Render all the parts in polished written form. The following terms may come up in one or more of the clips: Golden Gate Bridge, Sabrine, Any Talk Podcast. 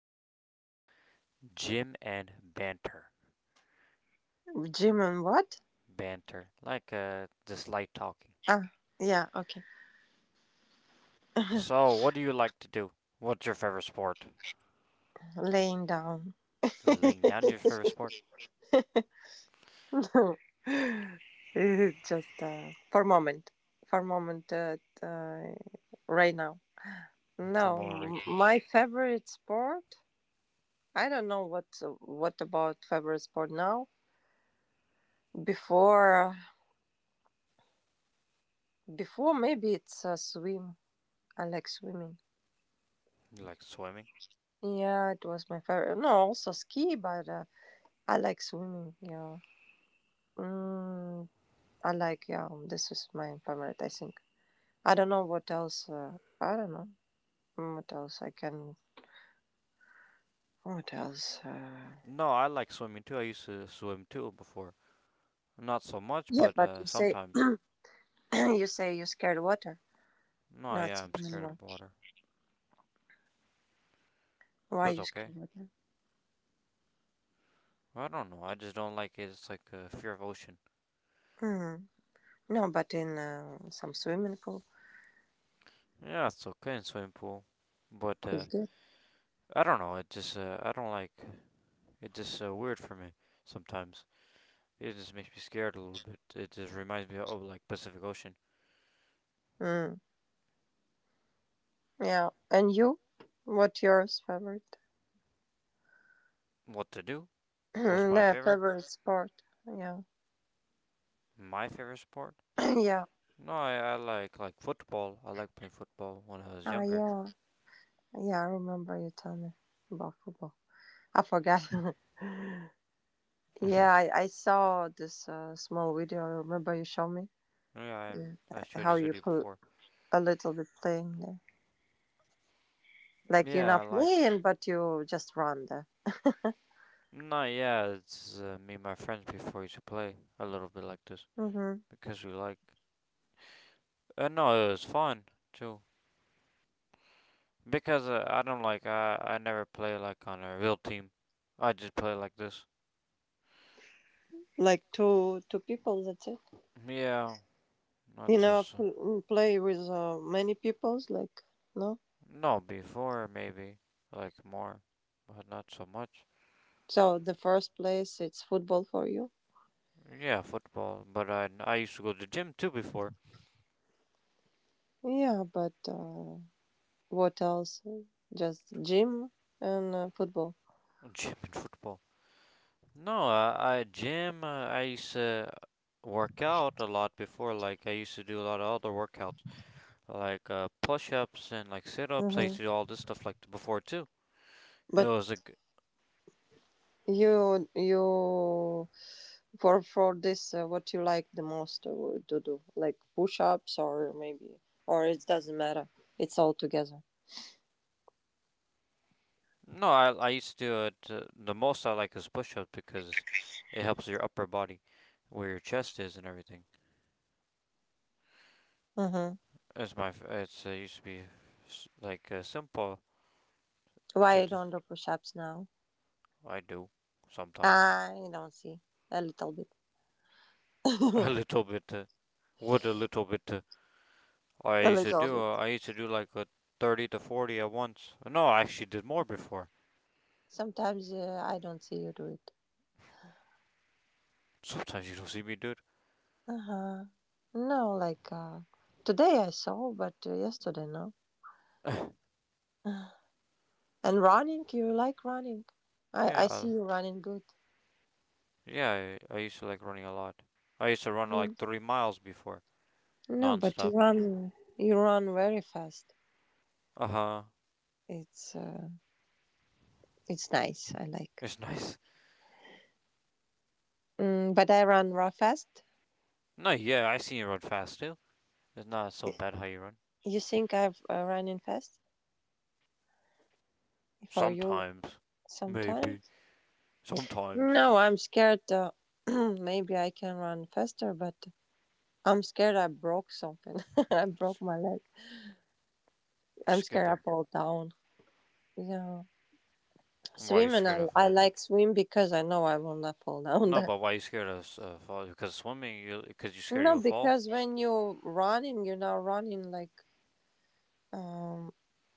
8, Gym and Banter. Jim and what? Banter, like just light talking. Ah, yeah, okay. So, what do you like to do? What's your favorite sport? Laying down. Laying down your favorite sport? No. Just for a moment. For a moment, right now. From No, what I read, my favorite sport. I don't know what about favorite sport now. Before, before maybe it's swim. I like swimming. you like swimming? Yeah, it was my favorite. No, also ski, but I like swimming. Yeah. Mm, I like, yeah, this is my favorite, I think. I don't know what else, I don't know. What else I can, what else? No, I like swimming too. I used to swim too before. Not so much, Yeah, but but you say, sometimes. you say you scared water, No, not yeah, I'm swim scared anymore. of water. But Why it's you okay. scared water? I don't know. I just don't like it. It's like a fear of ocean. Mm. No, but in some swimming pool Yeah, it's okay in swimming pool. But is good. I don't know. It just I don't like. It just weird for me sometimes. It just makes me scared a little bit. It just reminds me of like Pacific Ocean. Mm. Yeah, and you? What yours favorite? What to do? What's my the favorite? favorite sport? Yeah, My favorite sport? yeah. No, I like football. I like playing football when I was Ah, younger. yeah, yeah. I remember you tell me about football. I forgot. Yeah, I saw this small video. I remember you showed me. Yeah, Yeah. I showed How this you video put before. a little bit playing there. Like you're Yeah, I not like. playing, but you just run there. No, yeah, it's me and my friends before used to play a little bit like this Hmm. because we like. No, it was fun too. Because I don't like I never play like on a real team. I just play like this. Like two people. That's it. Yeah, not You never just play with many peoples. Like no. no before maybe like more, but not so much. So the first place it's football for you. Yeah, football. But I used to go to the gym too before Yeah, but what else? Just gym and football. gym and football. No, I gym. I used to work out a lot before. Like I used to do a lot of other workouts, like push-ups and like sit-ups. I used Hmm. to do all this stuff like before too. It But was a you for this, what you like the most to do, like push-ups or maybe, or it doesn't matter. It's all together. no, I used to do it. The most I like is push ups because it helps your upper body where your chest is and everything. Mm-hmm. It's my. It's used to be like simple Why to I do. don't do push-ups now? I do sometimes I don't see a little bit, a a little bit. What a little bit. I used to little do. bit. I used to do like a 30 to 40 at once. No, I actually did more before. Sometimes I don't see you do it. Sometimes you don't see me do it. Uh huh. No, like today I saw, but yesterday no. And running, you like running. I Yeah, I see I, you running good. yeah. I used to like running a lot. I used to run like Mm. 3 miles before, No, but nonstop. you run very fast. Uh huh. It's uh, it's nice. I like. It's nice. Mm, but I run raw fast. No, yeah, I seen you run fast too. It's not so Y- bad how you run. You think I've run in fast for you Sometimes, maybe. sometimes? Sometimes. No, I'm scared. Maybe I can run faster, but I'm scared I broke something. I broke my leg. I'm Scared scared of I fall down. Yeah, why are you swimming. I scared of I fall down? like swim because I know I will not fall down No, there. but why are you scared of fall? Because swimming, you because you scared you'll No, fall. because when you running, you're not running um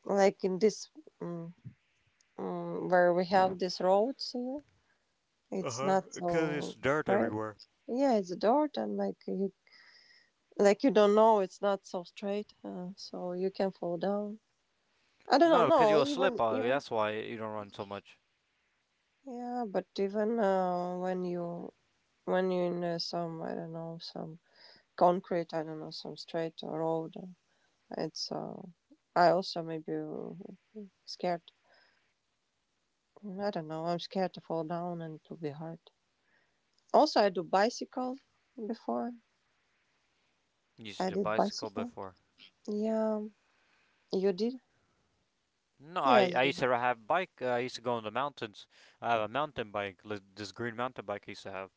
like in this. mm, where we have these roads here. Uh It's huh. not Because it's so dirt straight. everywhere. Yeah, it's a dirt, and like you don't know, it's not so straight, so you can fall down. I don't know. No, because you'll No, slip even on it. even That's why you don't run so much. yeah, but even when you when you're in some I don't know some concrete, I don't know some straight road, it's I also maybe scared. I don't know. I'm scared to fall down and to be hurt. Also, I do bicycle before. You used to I do did bicycle bicycle. before. Yeah, you did. No, I, Yes. I used to have a bike. I used to go in the mountains. I have a mountain bike, this green mountain bike I used to have.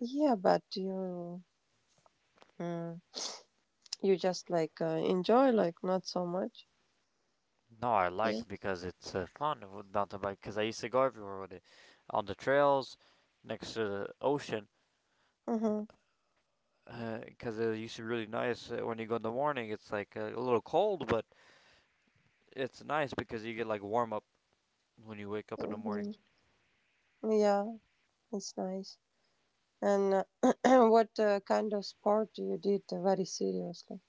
Yeah, but you mm, you just like enjoy like not so much. No, I like Yeah. it because it's fun with mountain bike. Because I used to go everywhere with it, on the trails, next to the ocean. Mhm. Because it used to be really nice when you go in the morning. It's like a little cold, but it's nice because you get like warm up when you wake up in the morning. Mhm. Yeah, it's nice. And what kind of sport you did very seriously?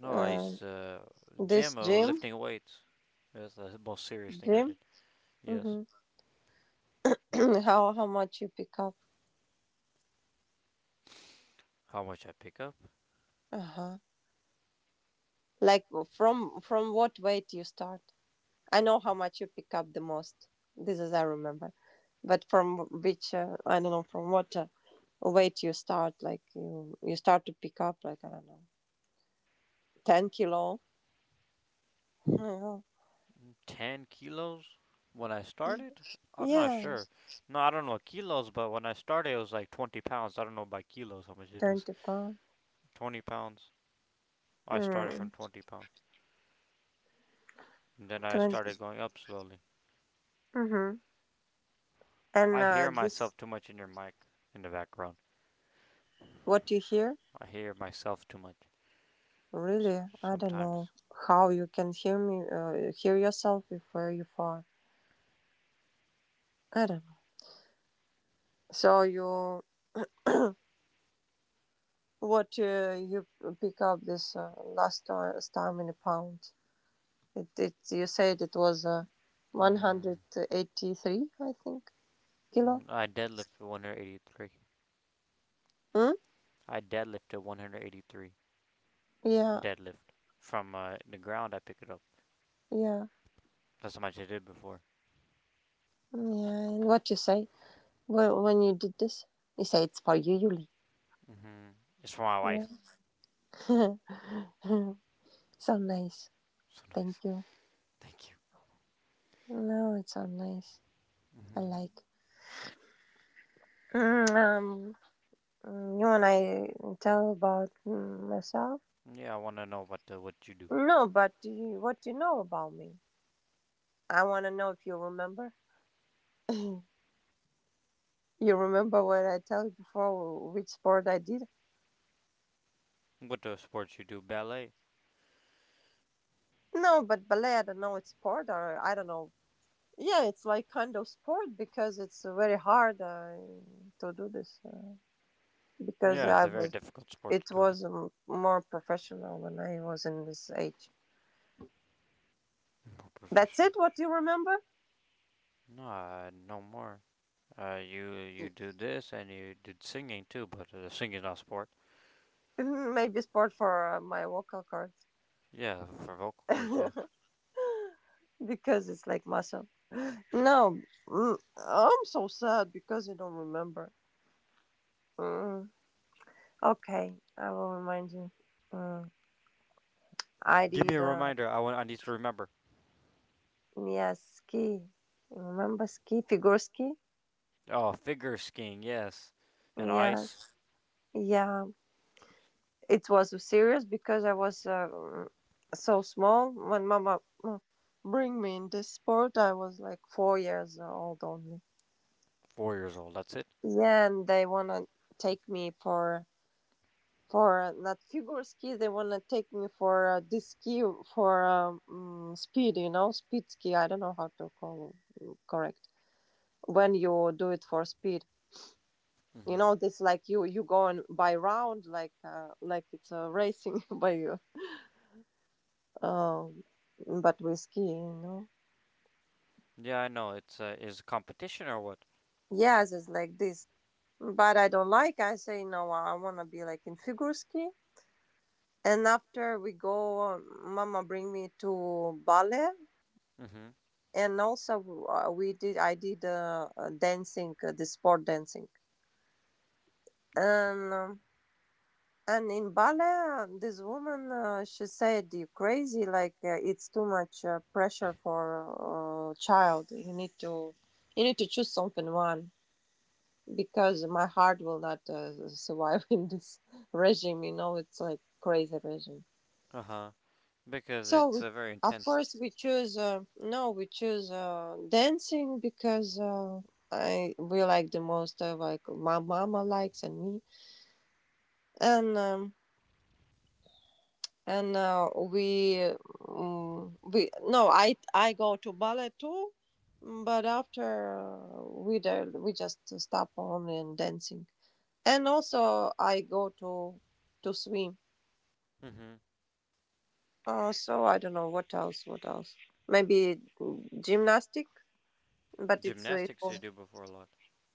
No, I used Uh, to this gym gym, lifting weights. That's the most serious thing I gym. did. Yes, Mhm. how much you pick up? how much I pick up. Uh huh. Like from what weight you start? I know how much you pick up the most. This is I remember, but from which I don't know from what weight you start. Like you start to pick up like I don't know, 10 kilo. Mhm. 10 kilos when I started. I'm not yeah, sure. No, I don't know kilos, but when I started, it was like 20 pounds. I don't know by kilos how much it is. 20 pound. 20 pounds. I started from Mm, 20 pounds. And then I 20. started going up slowly. Mm-hmm. And I hear this, myself too much in your mic in the background. what you hear? I hear myself too much Really, I don't know sometimes. how you can hear me, hear yourself if where you far. I don't know. So you, what you pick up this last time in a pound? It you said it was Mm, 183, I think, kilo. I deadlifted 183. Hmm? I deadlifted 183. Yeah, Deadlift. From the ground, I pick it up. yeah, That's how much I did before. yeah. And what you say when you did this? You say it's for you, Yuli. Hmm. It's for my wife. Yeah. so nice. So nice. Thank you. Thank you. No, it's so nice. I Hmm. like. Mm, um, you want I tell about myself? Yeah, I want to know what you do. No, but what do you know about me? I want to know if you remember. You remember what I told you before, which sport I did? What sports you do? Ballet. No, but ballet, I don't know, it's sport or I don't know. Yeah, it's like kind of sport because it's very hard to do this because Yeah, it's I a very was difficult sport it to do. was more professional when I was in this age. More That's professional. it. What you remember? No, more. You you do this and you did singing too, but singing not sport. Mm, maybe sport for my vocal cords Yeah, for vocal cords. Yeah. because it's like muscle. No, I'm so sad because I don't remember. Mm. Okay, I will remind you. Mm. I Give me a did, reminder. I want. I need to remember. yeah, ski. Remember ski, figure ski? Oh, figure skiing. Yes, and ice. Yes. Yeah, it was serious because I was so small. When mama bring me in this sport, I was like 4 years old only. 4 years old. That's it. Yeah, and they wanna take me for not figure ski. They wanna take me for this ski for speed, you know, speed ski. I don't know how to call it, correct. When you do it for speed, you Hmm. know this, like you go on by round like it's a racing by you, um but with skiing, you know. Yeah, I know. It's is competition or what? Yes, it's like this, but I don't like. I say no, I want to be like in figure ski. And after we go, mama bring me to ballet. Hmm. And also we did, I did dancing, the sport dancing. And and in ballet, this woman, she said, "You crazy! Like it's too much pressure for child. You need to choose something one because my heart will not survive in this regime. You know, it's like crazy regime. Uh huh. Because So it's very of intense. course we choose. No, we choose dancing because I we like the most. Like my mama likes and me and." And we mm we no, I go to ballet too, but after uh, we do, we just stop only in dancing. And also I go to swim. Mm-hmm. So I don't know what else maybe gymnastic, but it Gymnastics you was do before lunch.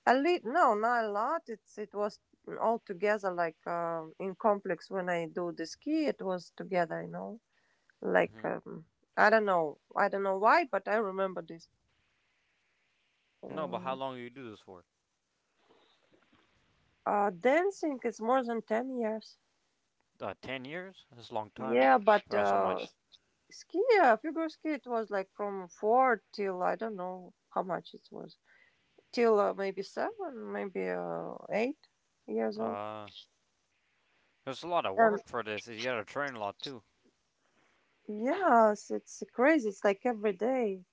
a little, no, not a lot. It's it was all together like in complex. When I do the ski, it was together, you know. Like Hmm. I don't know why, but I remember this. No, but how Um, long do you do this for? Dancing is more than 10 years. 10 years? That's a long time Yeah, but for so much. ski, figure ski, it was like from four till I don't know how much it was, till maybe seven, maybe 8 years old. Uh, there's a lot of And work for this. You gotta train a lot too. yes, it's crazy. It's like every day.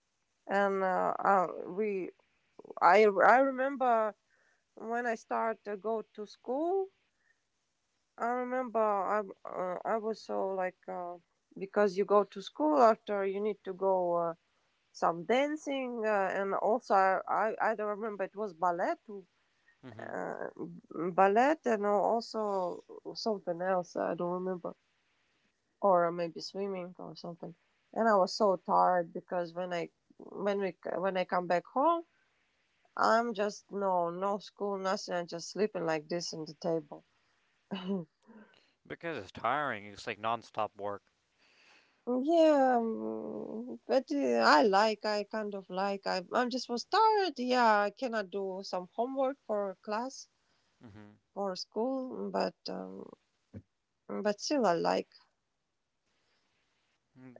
And I remember when I started to go to school. I remember I was so like because you go to school, after you need to go some dancing and also, I don't remember, it was ballet too, Hmm. Ballet and also something else I don't remember, or maybe swimming or something. And I was so tired, because when I, when I come back home, I'm just no, no school, nothing. I'm just sleeping like this on the table. Because it's tiring. It's like non-stop work. Yeah, but I like, I kind of like, I, I'm just was tired. Yeah, I cannot do some homework for class Hmm. or school, but still I like.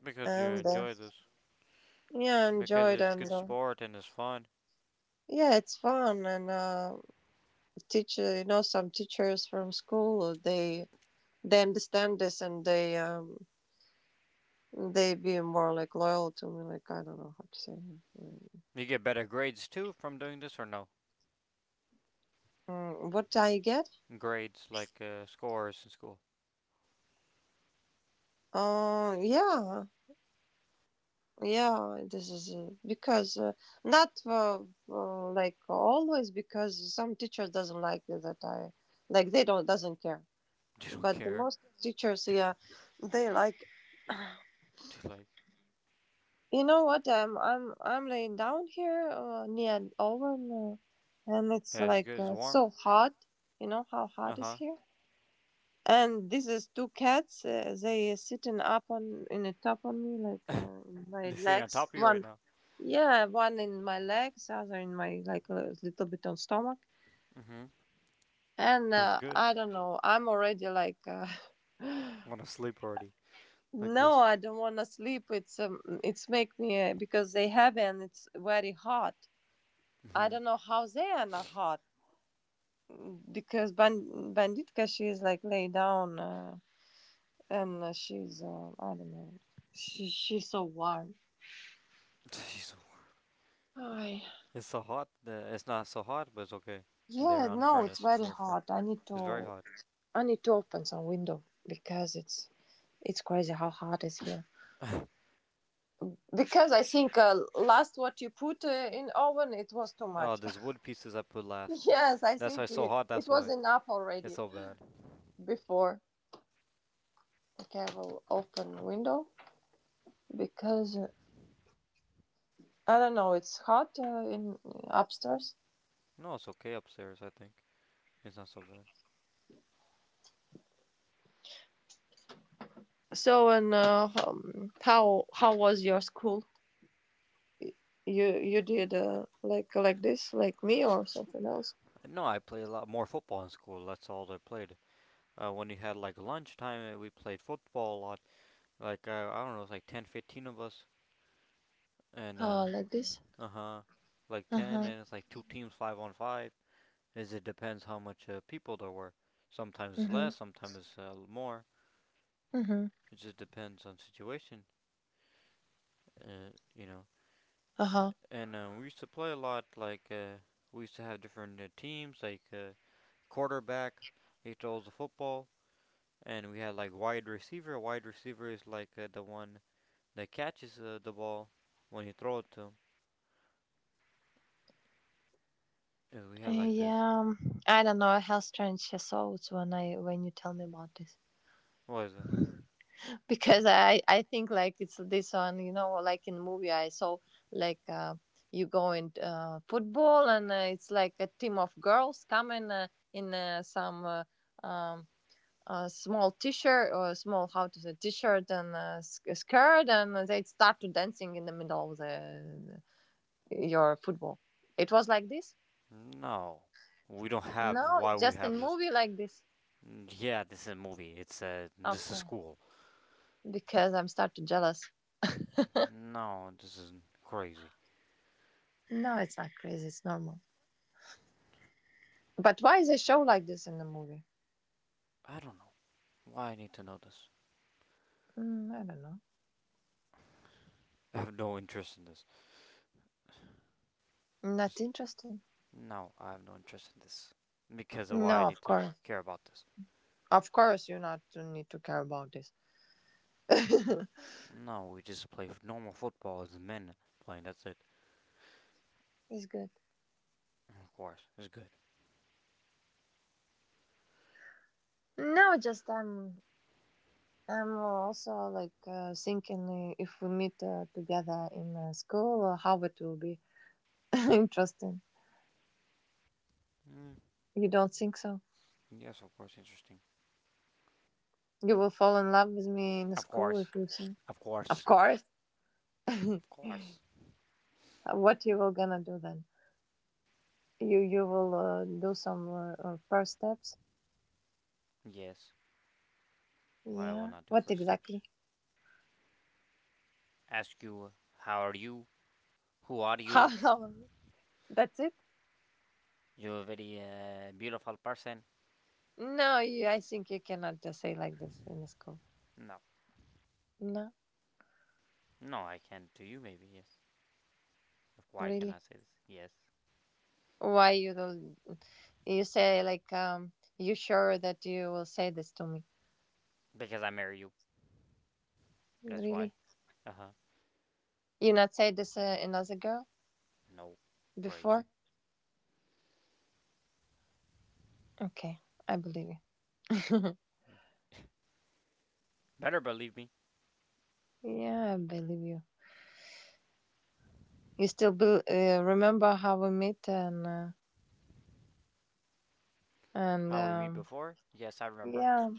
Because you And enjoy this. yeah, I Because enjoyed. it's good And sport and it's fun. yeah, it's fun. And teacher, you know, some teachers from school, they understand this and they be more like loyal to me. Like I don't know how to say it. You get better grades too from doing this or no? Mm, what I get? Grades like scores in school. Yeah, yeah, this is because not like always, because some teachers doesn't like that I like, they don't doesn't care. You don't But the care. most teachers, yeah, they like. Dude, like You know what? I'm laying down here near an oven, and it's as like good as warm. so hot. You know how Uh hot is huh. here? And this is two cats. They sitting up on in a top on me like in my This thing on legs. top of you right One. now. Yeah, one in my legs, other in my like a little bit on stomach, Hmm. and Was good. I don't know. I'm already like, I want to sleep already, like no, this. I don't want to sleep. It's make me because they have and it's very hot. I Hmm. don't know how they are not hot. Because Banditka, she is like lay down, and she's I don't know. She's so warm. Ay. It's so hot. It's not so hot, but it's okay. They're Yeah, on no, it's furnace very near furnace. hot. I need It's very to. hot. I need to open some window because it's. It's crazy how hard it's here. Because I think last what you put in oven, it was too Oh, much. there's wood pieces I put last. Yes, I That's why think it's so hot. it That's was why enough it's already so bad. before. Okay, I will open window because I don't know. It's hot in upstairs. No, it's okay upstairs. I think it's not so bad. So and how was your school? You did like this like me or something else? No, I played a lot more football in school. That's all I played. When we had like lunchtime, we played football a lot. Like I don't know, it's like 10, 15 of us, and uh, Like this. uh huh, like Uh 10, huh. and it's like two teams, five on five. Is it depends how much people there were. Sometimes Mhm. less, sometimes more. Mhm. It just depends on situation, you know. Uh huh. And we used to play a lot. Like we used to have different teams, like quarterback. He throws the football, and we had like wide receiver. Wide receiver is like the one that catches the ball when you throw it to him. We had like this. Yeah, I don't know how strange your thoughts when I when you tell me about this. What is it? Because I think like it's this one, you know, like in movie I saw, like uh, you go in football, and it's like a team of girls coming in some um small t-shirt or small, how to say, t-shirt and a skirt, and they start to dancing in the middle of the your football. It was like this. No, we don't have. No, Why it's we just a have this? movie like this. Yeah, this is a movie. It's this is Okay. school. Because I'm started jealous. No, this isn't crazy. No, it's not crazy. It's normal. But why is a show like this in the movie? I don't know why I need to know this. Mm, I don't know. I have no interest in this. Not Just, interesting. no, I have no interest in this. Because of No, why I need of to course. care about this. Of course, you not you need to care about this. No, we just play normal football as men playing, that's it. It's good. Of course, it's good. No, just I'm also like, thinking if we meet together in school, how it will be interesting. Mm, You don't think so? yes, of course, interesting. You will fall in love with me in Of school course, if you see? of Of course, course. of course. What you will gonna do then? You will do some first steps. Yes, why I will Yeah. not do What first steps. exactly? Ask you, how are you? Who are How? you? how- That's it? You're a very beautiful person. No, you, I think you cannot just say like this in the school. No, No, no, I can to you maybe, yes. Why can I really. say this? Yes. Why you don't? You say like. You sure that you will say this to me? Because I marry you. That's why. Really? Uh huh. You not say this another girl No. Crazy. before? Okay, I believe you. Mm. Better believe me. Yeah, I believe you. You still remember how we met and and How we meet um. before? Yes, I remember. Yeah,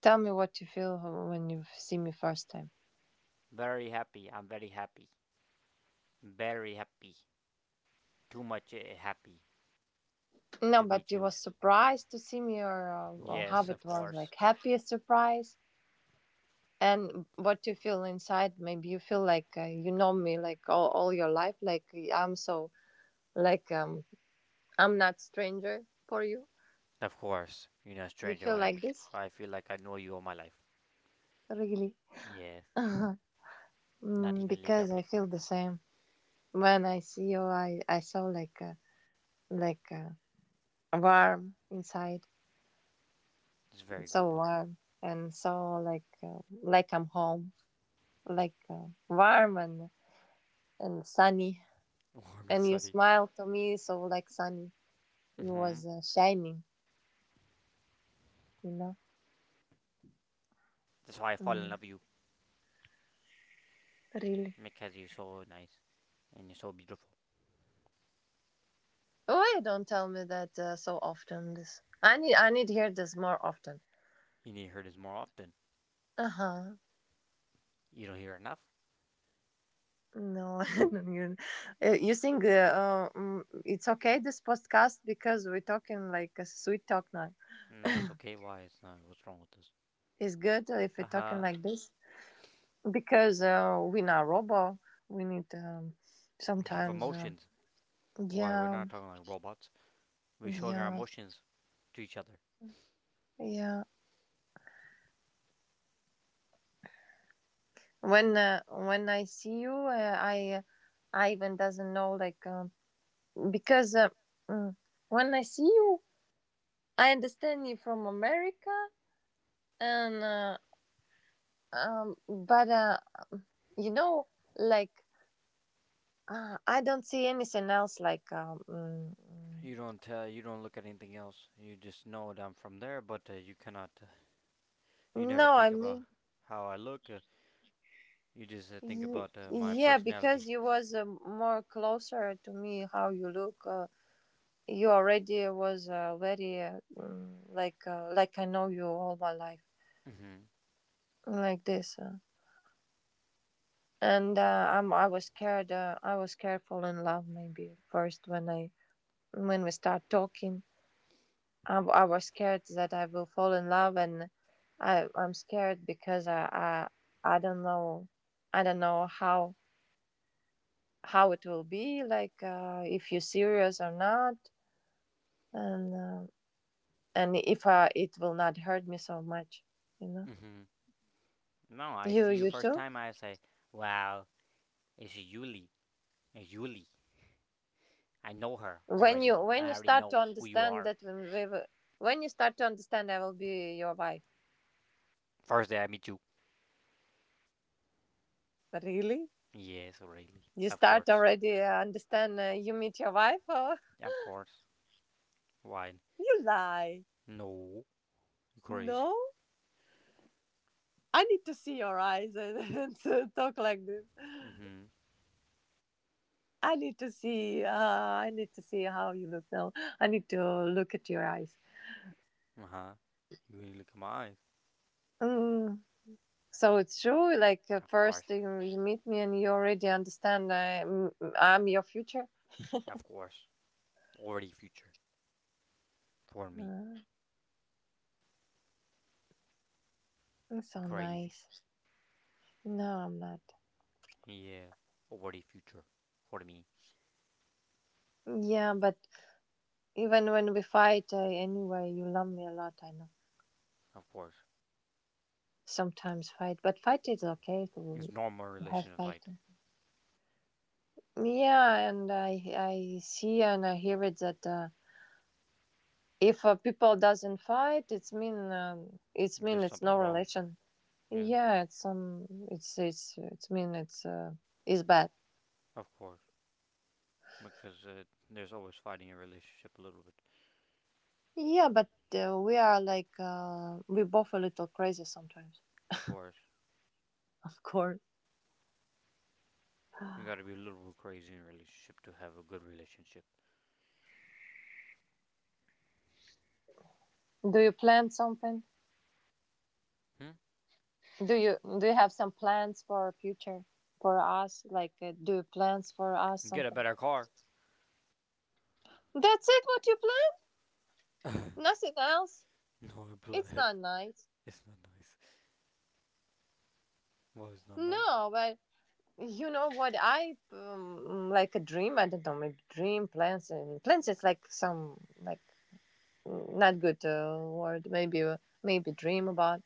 tell me what you feel when you see me first time. Very happy. I'm very happy. Very happy. Too much happy to No, meet but you you. was surprised to see me, or or how Yes, it of was, course. like happiest surprise, and what you feel inside. Maybe you feel like, you know me like all your life. Like I'm so, like um I'm not stranger for you. Of course. You're not a You stranger feel when I like meet you. this, I feel like I know you all my life. really? Yes. Not Mm, even a little because I bit. feel the same when I see you. I saw like a warm inside, It's very good, so Bob. warm, and so like, like I'm home, like, warm and sunny. Warm and And you sunny. smiled to me, so like sunny. You was Mm-hmm. Shining, you know. That's why I fall in Mm. love with you. Really. Because you're so nice. And you're so beautiful. Why don't tell me that so often? This, I need to hear this more often. You need to hear this more often. Uh huh. You don't hear enough? No, you, you think it's okay this podcast because we're talking like a sweet talk now. No, it's okay. Why? It's not. What's wrong with this? It's good if we're Uh talking huh. like this. Because we're not robot. We need, um, We have sometimes, uh, emotions. Why? We're yeah, not talking like robots. We're showing our yeah, emotions to each other. yeah. When I see you, I even doesn't know like because uh, mm, when I see you, I understand you from America, and but you know, like, I don't see anything else like. You don't tell. You don't look at anything else. You just know that I'm from there, but you cannot. You never No, I think about mean how I look. You just think about my yeah, personality. because you was more closer to me. How you look, you already was very like, like I know you all my life, Mm-hmm. like this. And I'm I was scared. I was scared fall in love maybe first when I when we start talking. I was scared that I will fall in love, and I'm scared because I don't know, I don't know how how it will be like, if you're serious or not, and um and if it will not hurt me so much, you know. Mm-hmm. No, I you see you you first too time. I say, wow, it's Yuli. It's Yuli. I know her When you, already. when I you already start know to who you understand, are. that when you start to understand I will be your wife? First day I meet you. Really? Yes, really. You Of start course. already understand you meet your wife or... Of course. Why? You lie. No. You crazy. No, I need to see your eyes and, and talk like this. Mm-hmm. I need to see. I need to see how you look now. I need to look at your eyes. Uh-huh. You really look at my eyes. Mm. So it's true. Like, Of course. first you you meet me and you already understand I'm your future. Of course. Already future. For me. Mm, that's so Crazy. nice. No, I'm not. Yeah. Already future. For me. Yeah, but even when we fight, anyway, you love me a lot. I know. Of course. Sometimes fight, but fight is okay It's normal to relation have to fight. fighting. Yeah, and I see and I hear it that. If people doesn't fight, it's mean There's it's something no wrong. relation, Yeah. yeah it's um it's it's mean it's bad. Of course. Because there's always fighting in a relationship a little bit. Yeah, but, we are like, we both a little crazy sometimes. Of course. Of course. You gotta be a little bit crazy in a relationship to have a good relationship. Do you plan something? Hmm? Do you have some plans for future, for us, like, do you plans for us Get a something? better car. That's it what you plan? Nothing else? No It's blood. not nice. It's not nice. Well, it's not nice. No, but you know what, I like a dream. I don't know, maybe dream, plans and plans. It's like some like, not good word. Maybe maybe dream about.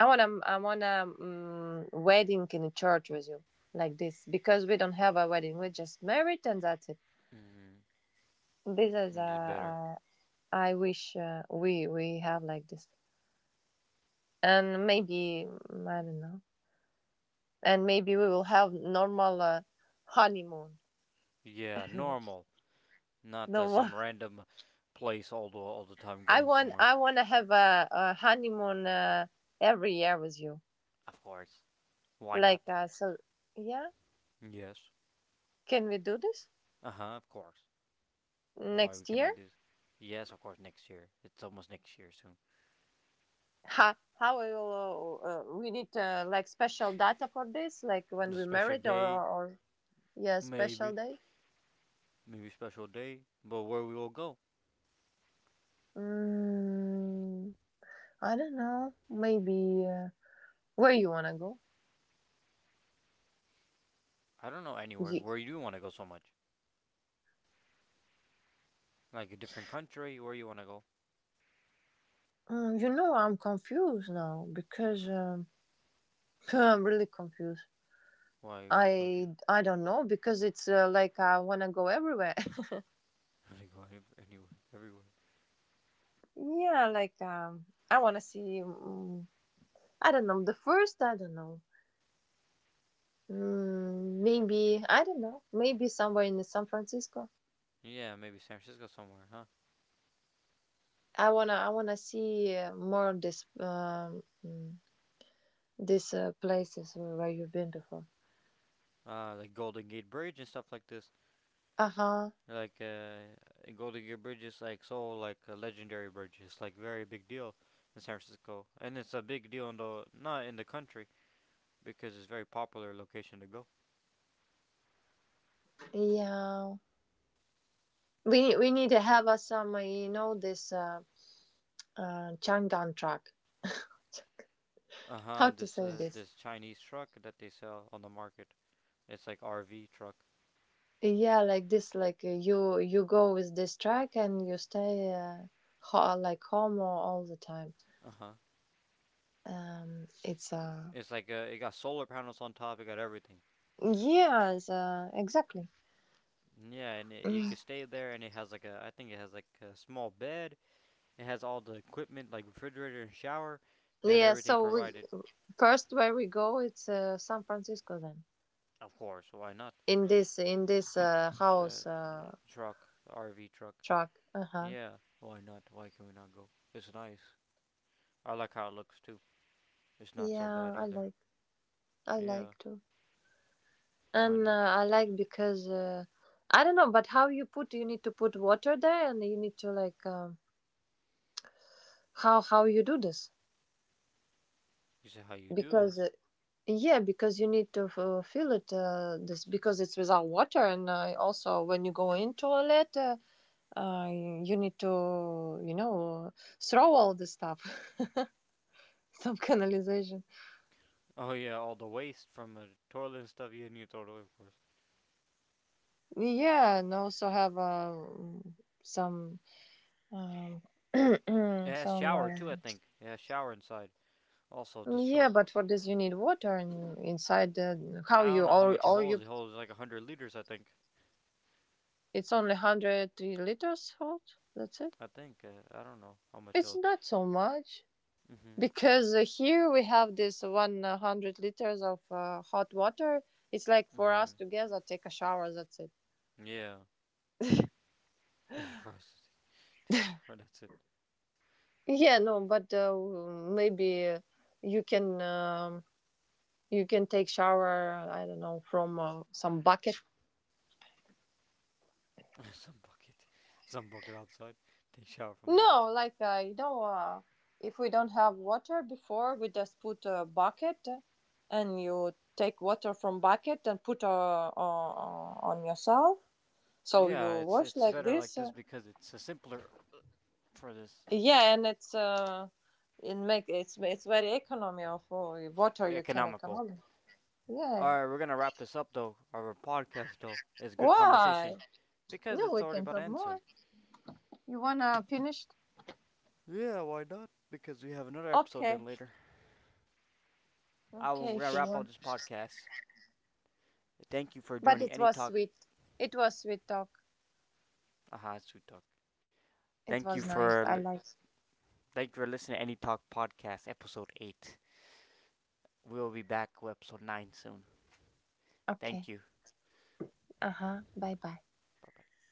I wanna wedding in a church with you, like this, because we don't have a wedding. We're just married and that's it. Mm, This is we need better. I wish we have like this, and maybe, I don't know, and maybe we will have normal honeymoon. Yeah, normal. Not Normal. some random place all the time I going want somewhere. I want to have a honeymoon every year with you. Of course. Why Like, not? So, yeah. Yes. Can we do this Uh huh. Of course. Why we next year? cannot do this? Yes, of course. Next year. It's almost next year soon. Ha, how I will we need like special data for this? Like when A we special married, day, or yeah, special maybe. day. Maybe special day. But where we will go? Mm, I don't know. Maybe where you wanna go? I don't know anywhere. You, Where you do want to go so much? Like a different country? Where you want to go? You know, I'm confused now because I'm really confused. Why are you really I confused? I don't know because it's, like, I want to go everywhere. I wanna go anywhere, everywhere. Yeah, like, I want to see. I don't know the first. I don't know. Mm, maybe I don't know. Maybe somewhere in San Francisco. Yeah, maybe San Francisco somewhere, huh? I wanna see more of this these places where you've been before. Like Golden Gate Bridge and stuff like this. Uh huh. Like Golden Gate Bridge is like so like a legendary bridge. It's like very big deal in San Francisco, and it's a big deal in the not in the country because it's a very popular location to go. Yeah. We need to have some you know this Changan track. Uh How huh. to This say this? this Chinese truck that they sell on the market. It's like RV truck. Yeah, like this, like, you you go with this track and you stay, like homo all the time. Uh huh. It's It's like it got solar panels on top. It got everything. Yes, exactly. Yeah, and it, you Mm. could stay there, and it has like a I think it has like a small bed. It has all the equipment like refrigerator and shower. It has Yeah, everything so we provided. first where we go, it's, San Francisco then. Of course, why not? In this It's a house, truck, RV truck. track. Uh huh. Yeah, why not? Why can we not go? It's nice. I like how it looks too. It's not so Yeah, bad I either. like, I Yeah, like too, why and not? I like because, I don't know, but how you put, you need to put water there, and you need to like, how you do this. You see how you do Because this? yeah, because you need to fill it this because it's without water, and also when you go in toilet, you need to, you know, throw all the stuff. Some canalization, Oh yeah, all the waste from the toilet and stuff. Yeah, and you throw it away, of course. yeah, and also have some um, It has some shower too, I think. It has shower inside. Also, this yeah, truck. but for this you need water and inside the, how I you don't know how all? much it All holds. you It holds like 100 liters, I think. it's only 100 liters hot, that's it, I think. I don't know how much it it's holds. not so much. Hmm. Because here we have this 100 liters of hot water. It's like for us Mm-hmm. together, take a shower, that's it. Yeah. Frozen. Take shower. That's it. Yeah, no, but maybe, you can um, you can take shower, I don't know, from some bucket. Some bucket. Some bucket outside. Take shower from this. No, like, you know, if we don't have water before, we just put a bucket, and you take water from bucket and put, on yourself. So Yeah, you wash it's like better like this. this because it's a simpler for this Yeah, and it's, it make it's very economy of water, you can economical. economy. All Yeah. right, we're gonna wrap this up though. Our podcast though is good Why? conversation because No, it's we already can about to talk end more. soon. You wanna finish? Yeah, why not? Because we have another episode Okay. then later. I will Okay, we're gonna if you wrap up want. this podcast. Thank you for But joining it Any was Talk. sweet. It was sweet talk. Aha, it's Sweet Talk. It Thank you was nice. I for like. Thank you for listening to Any Talk Podcast, Episode 8. We'll be back with Episode 9 soon. Thank Okay. you. Uh huh. Bye bye. Bye bye.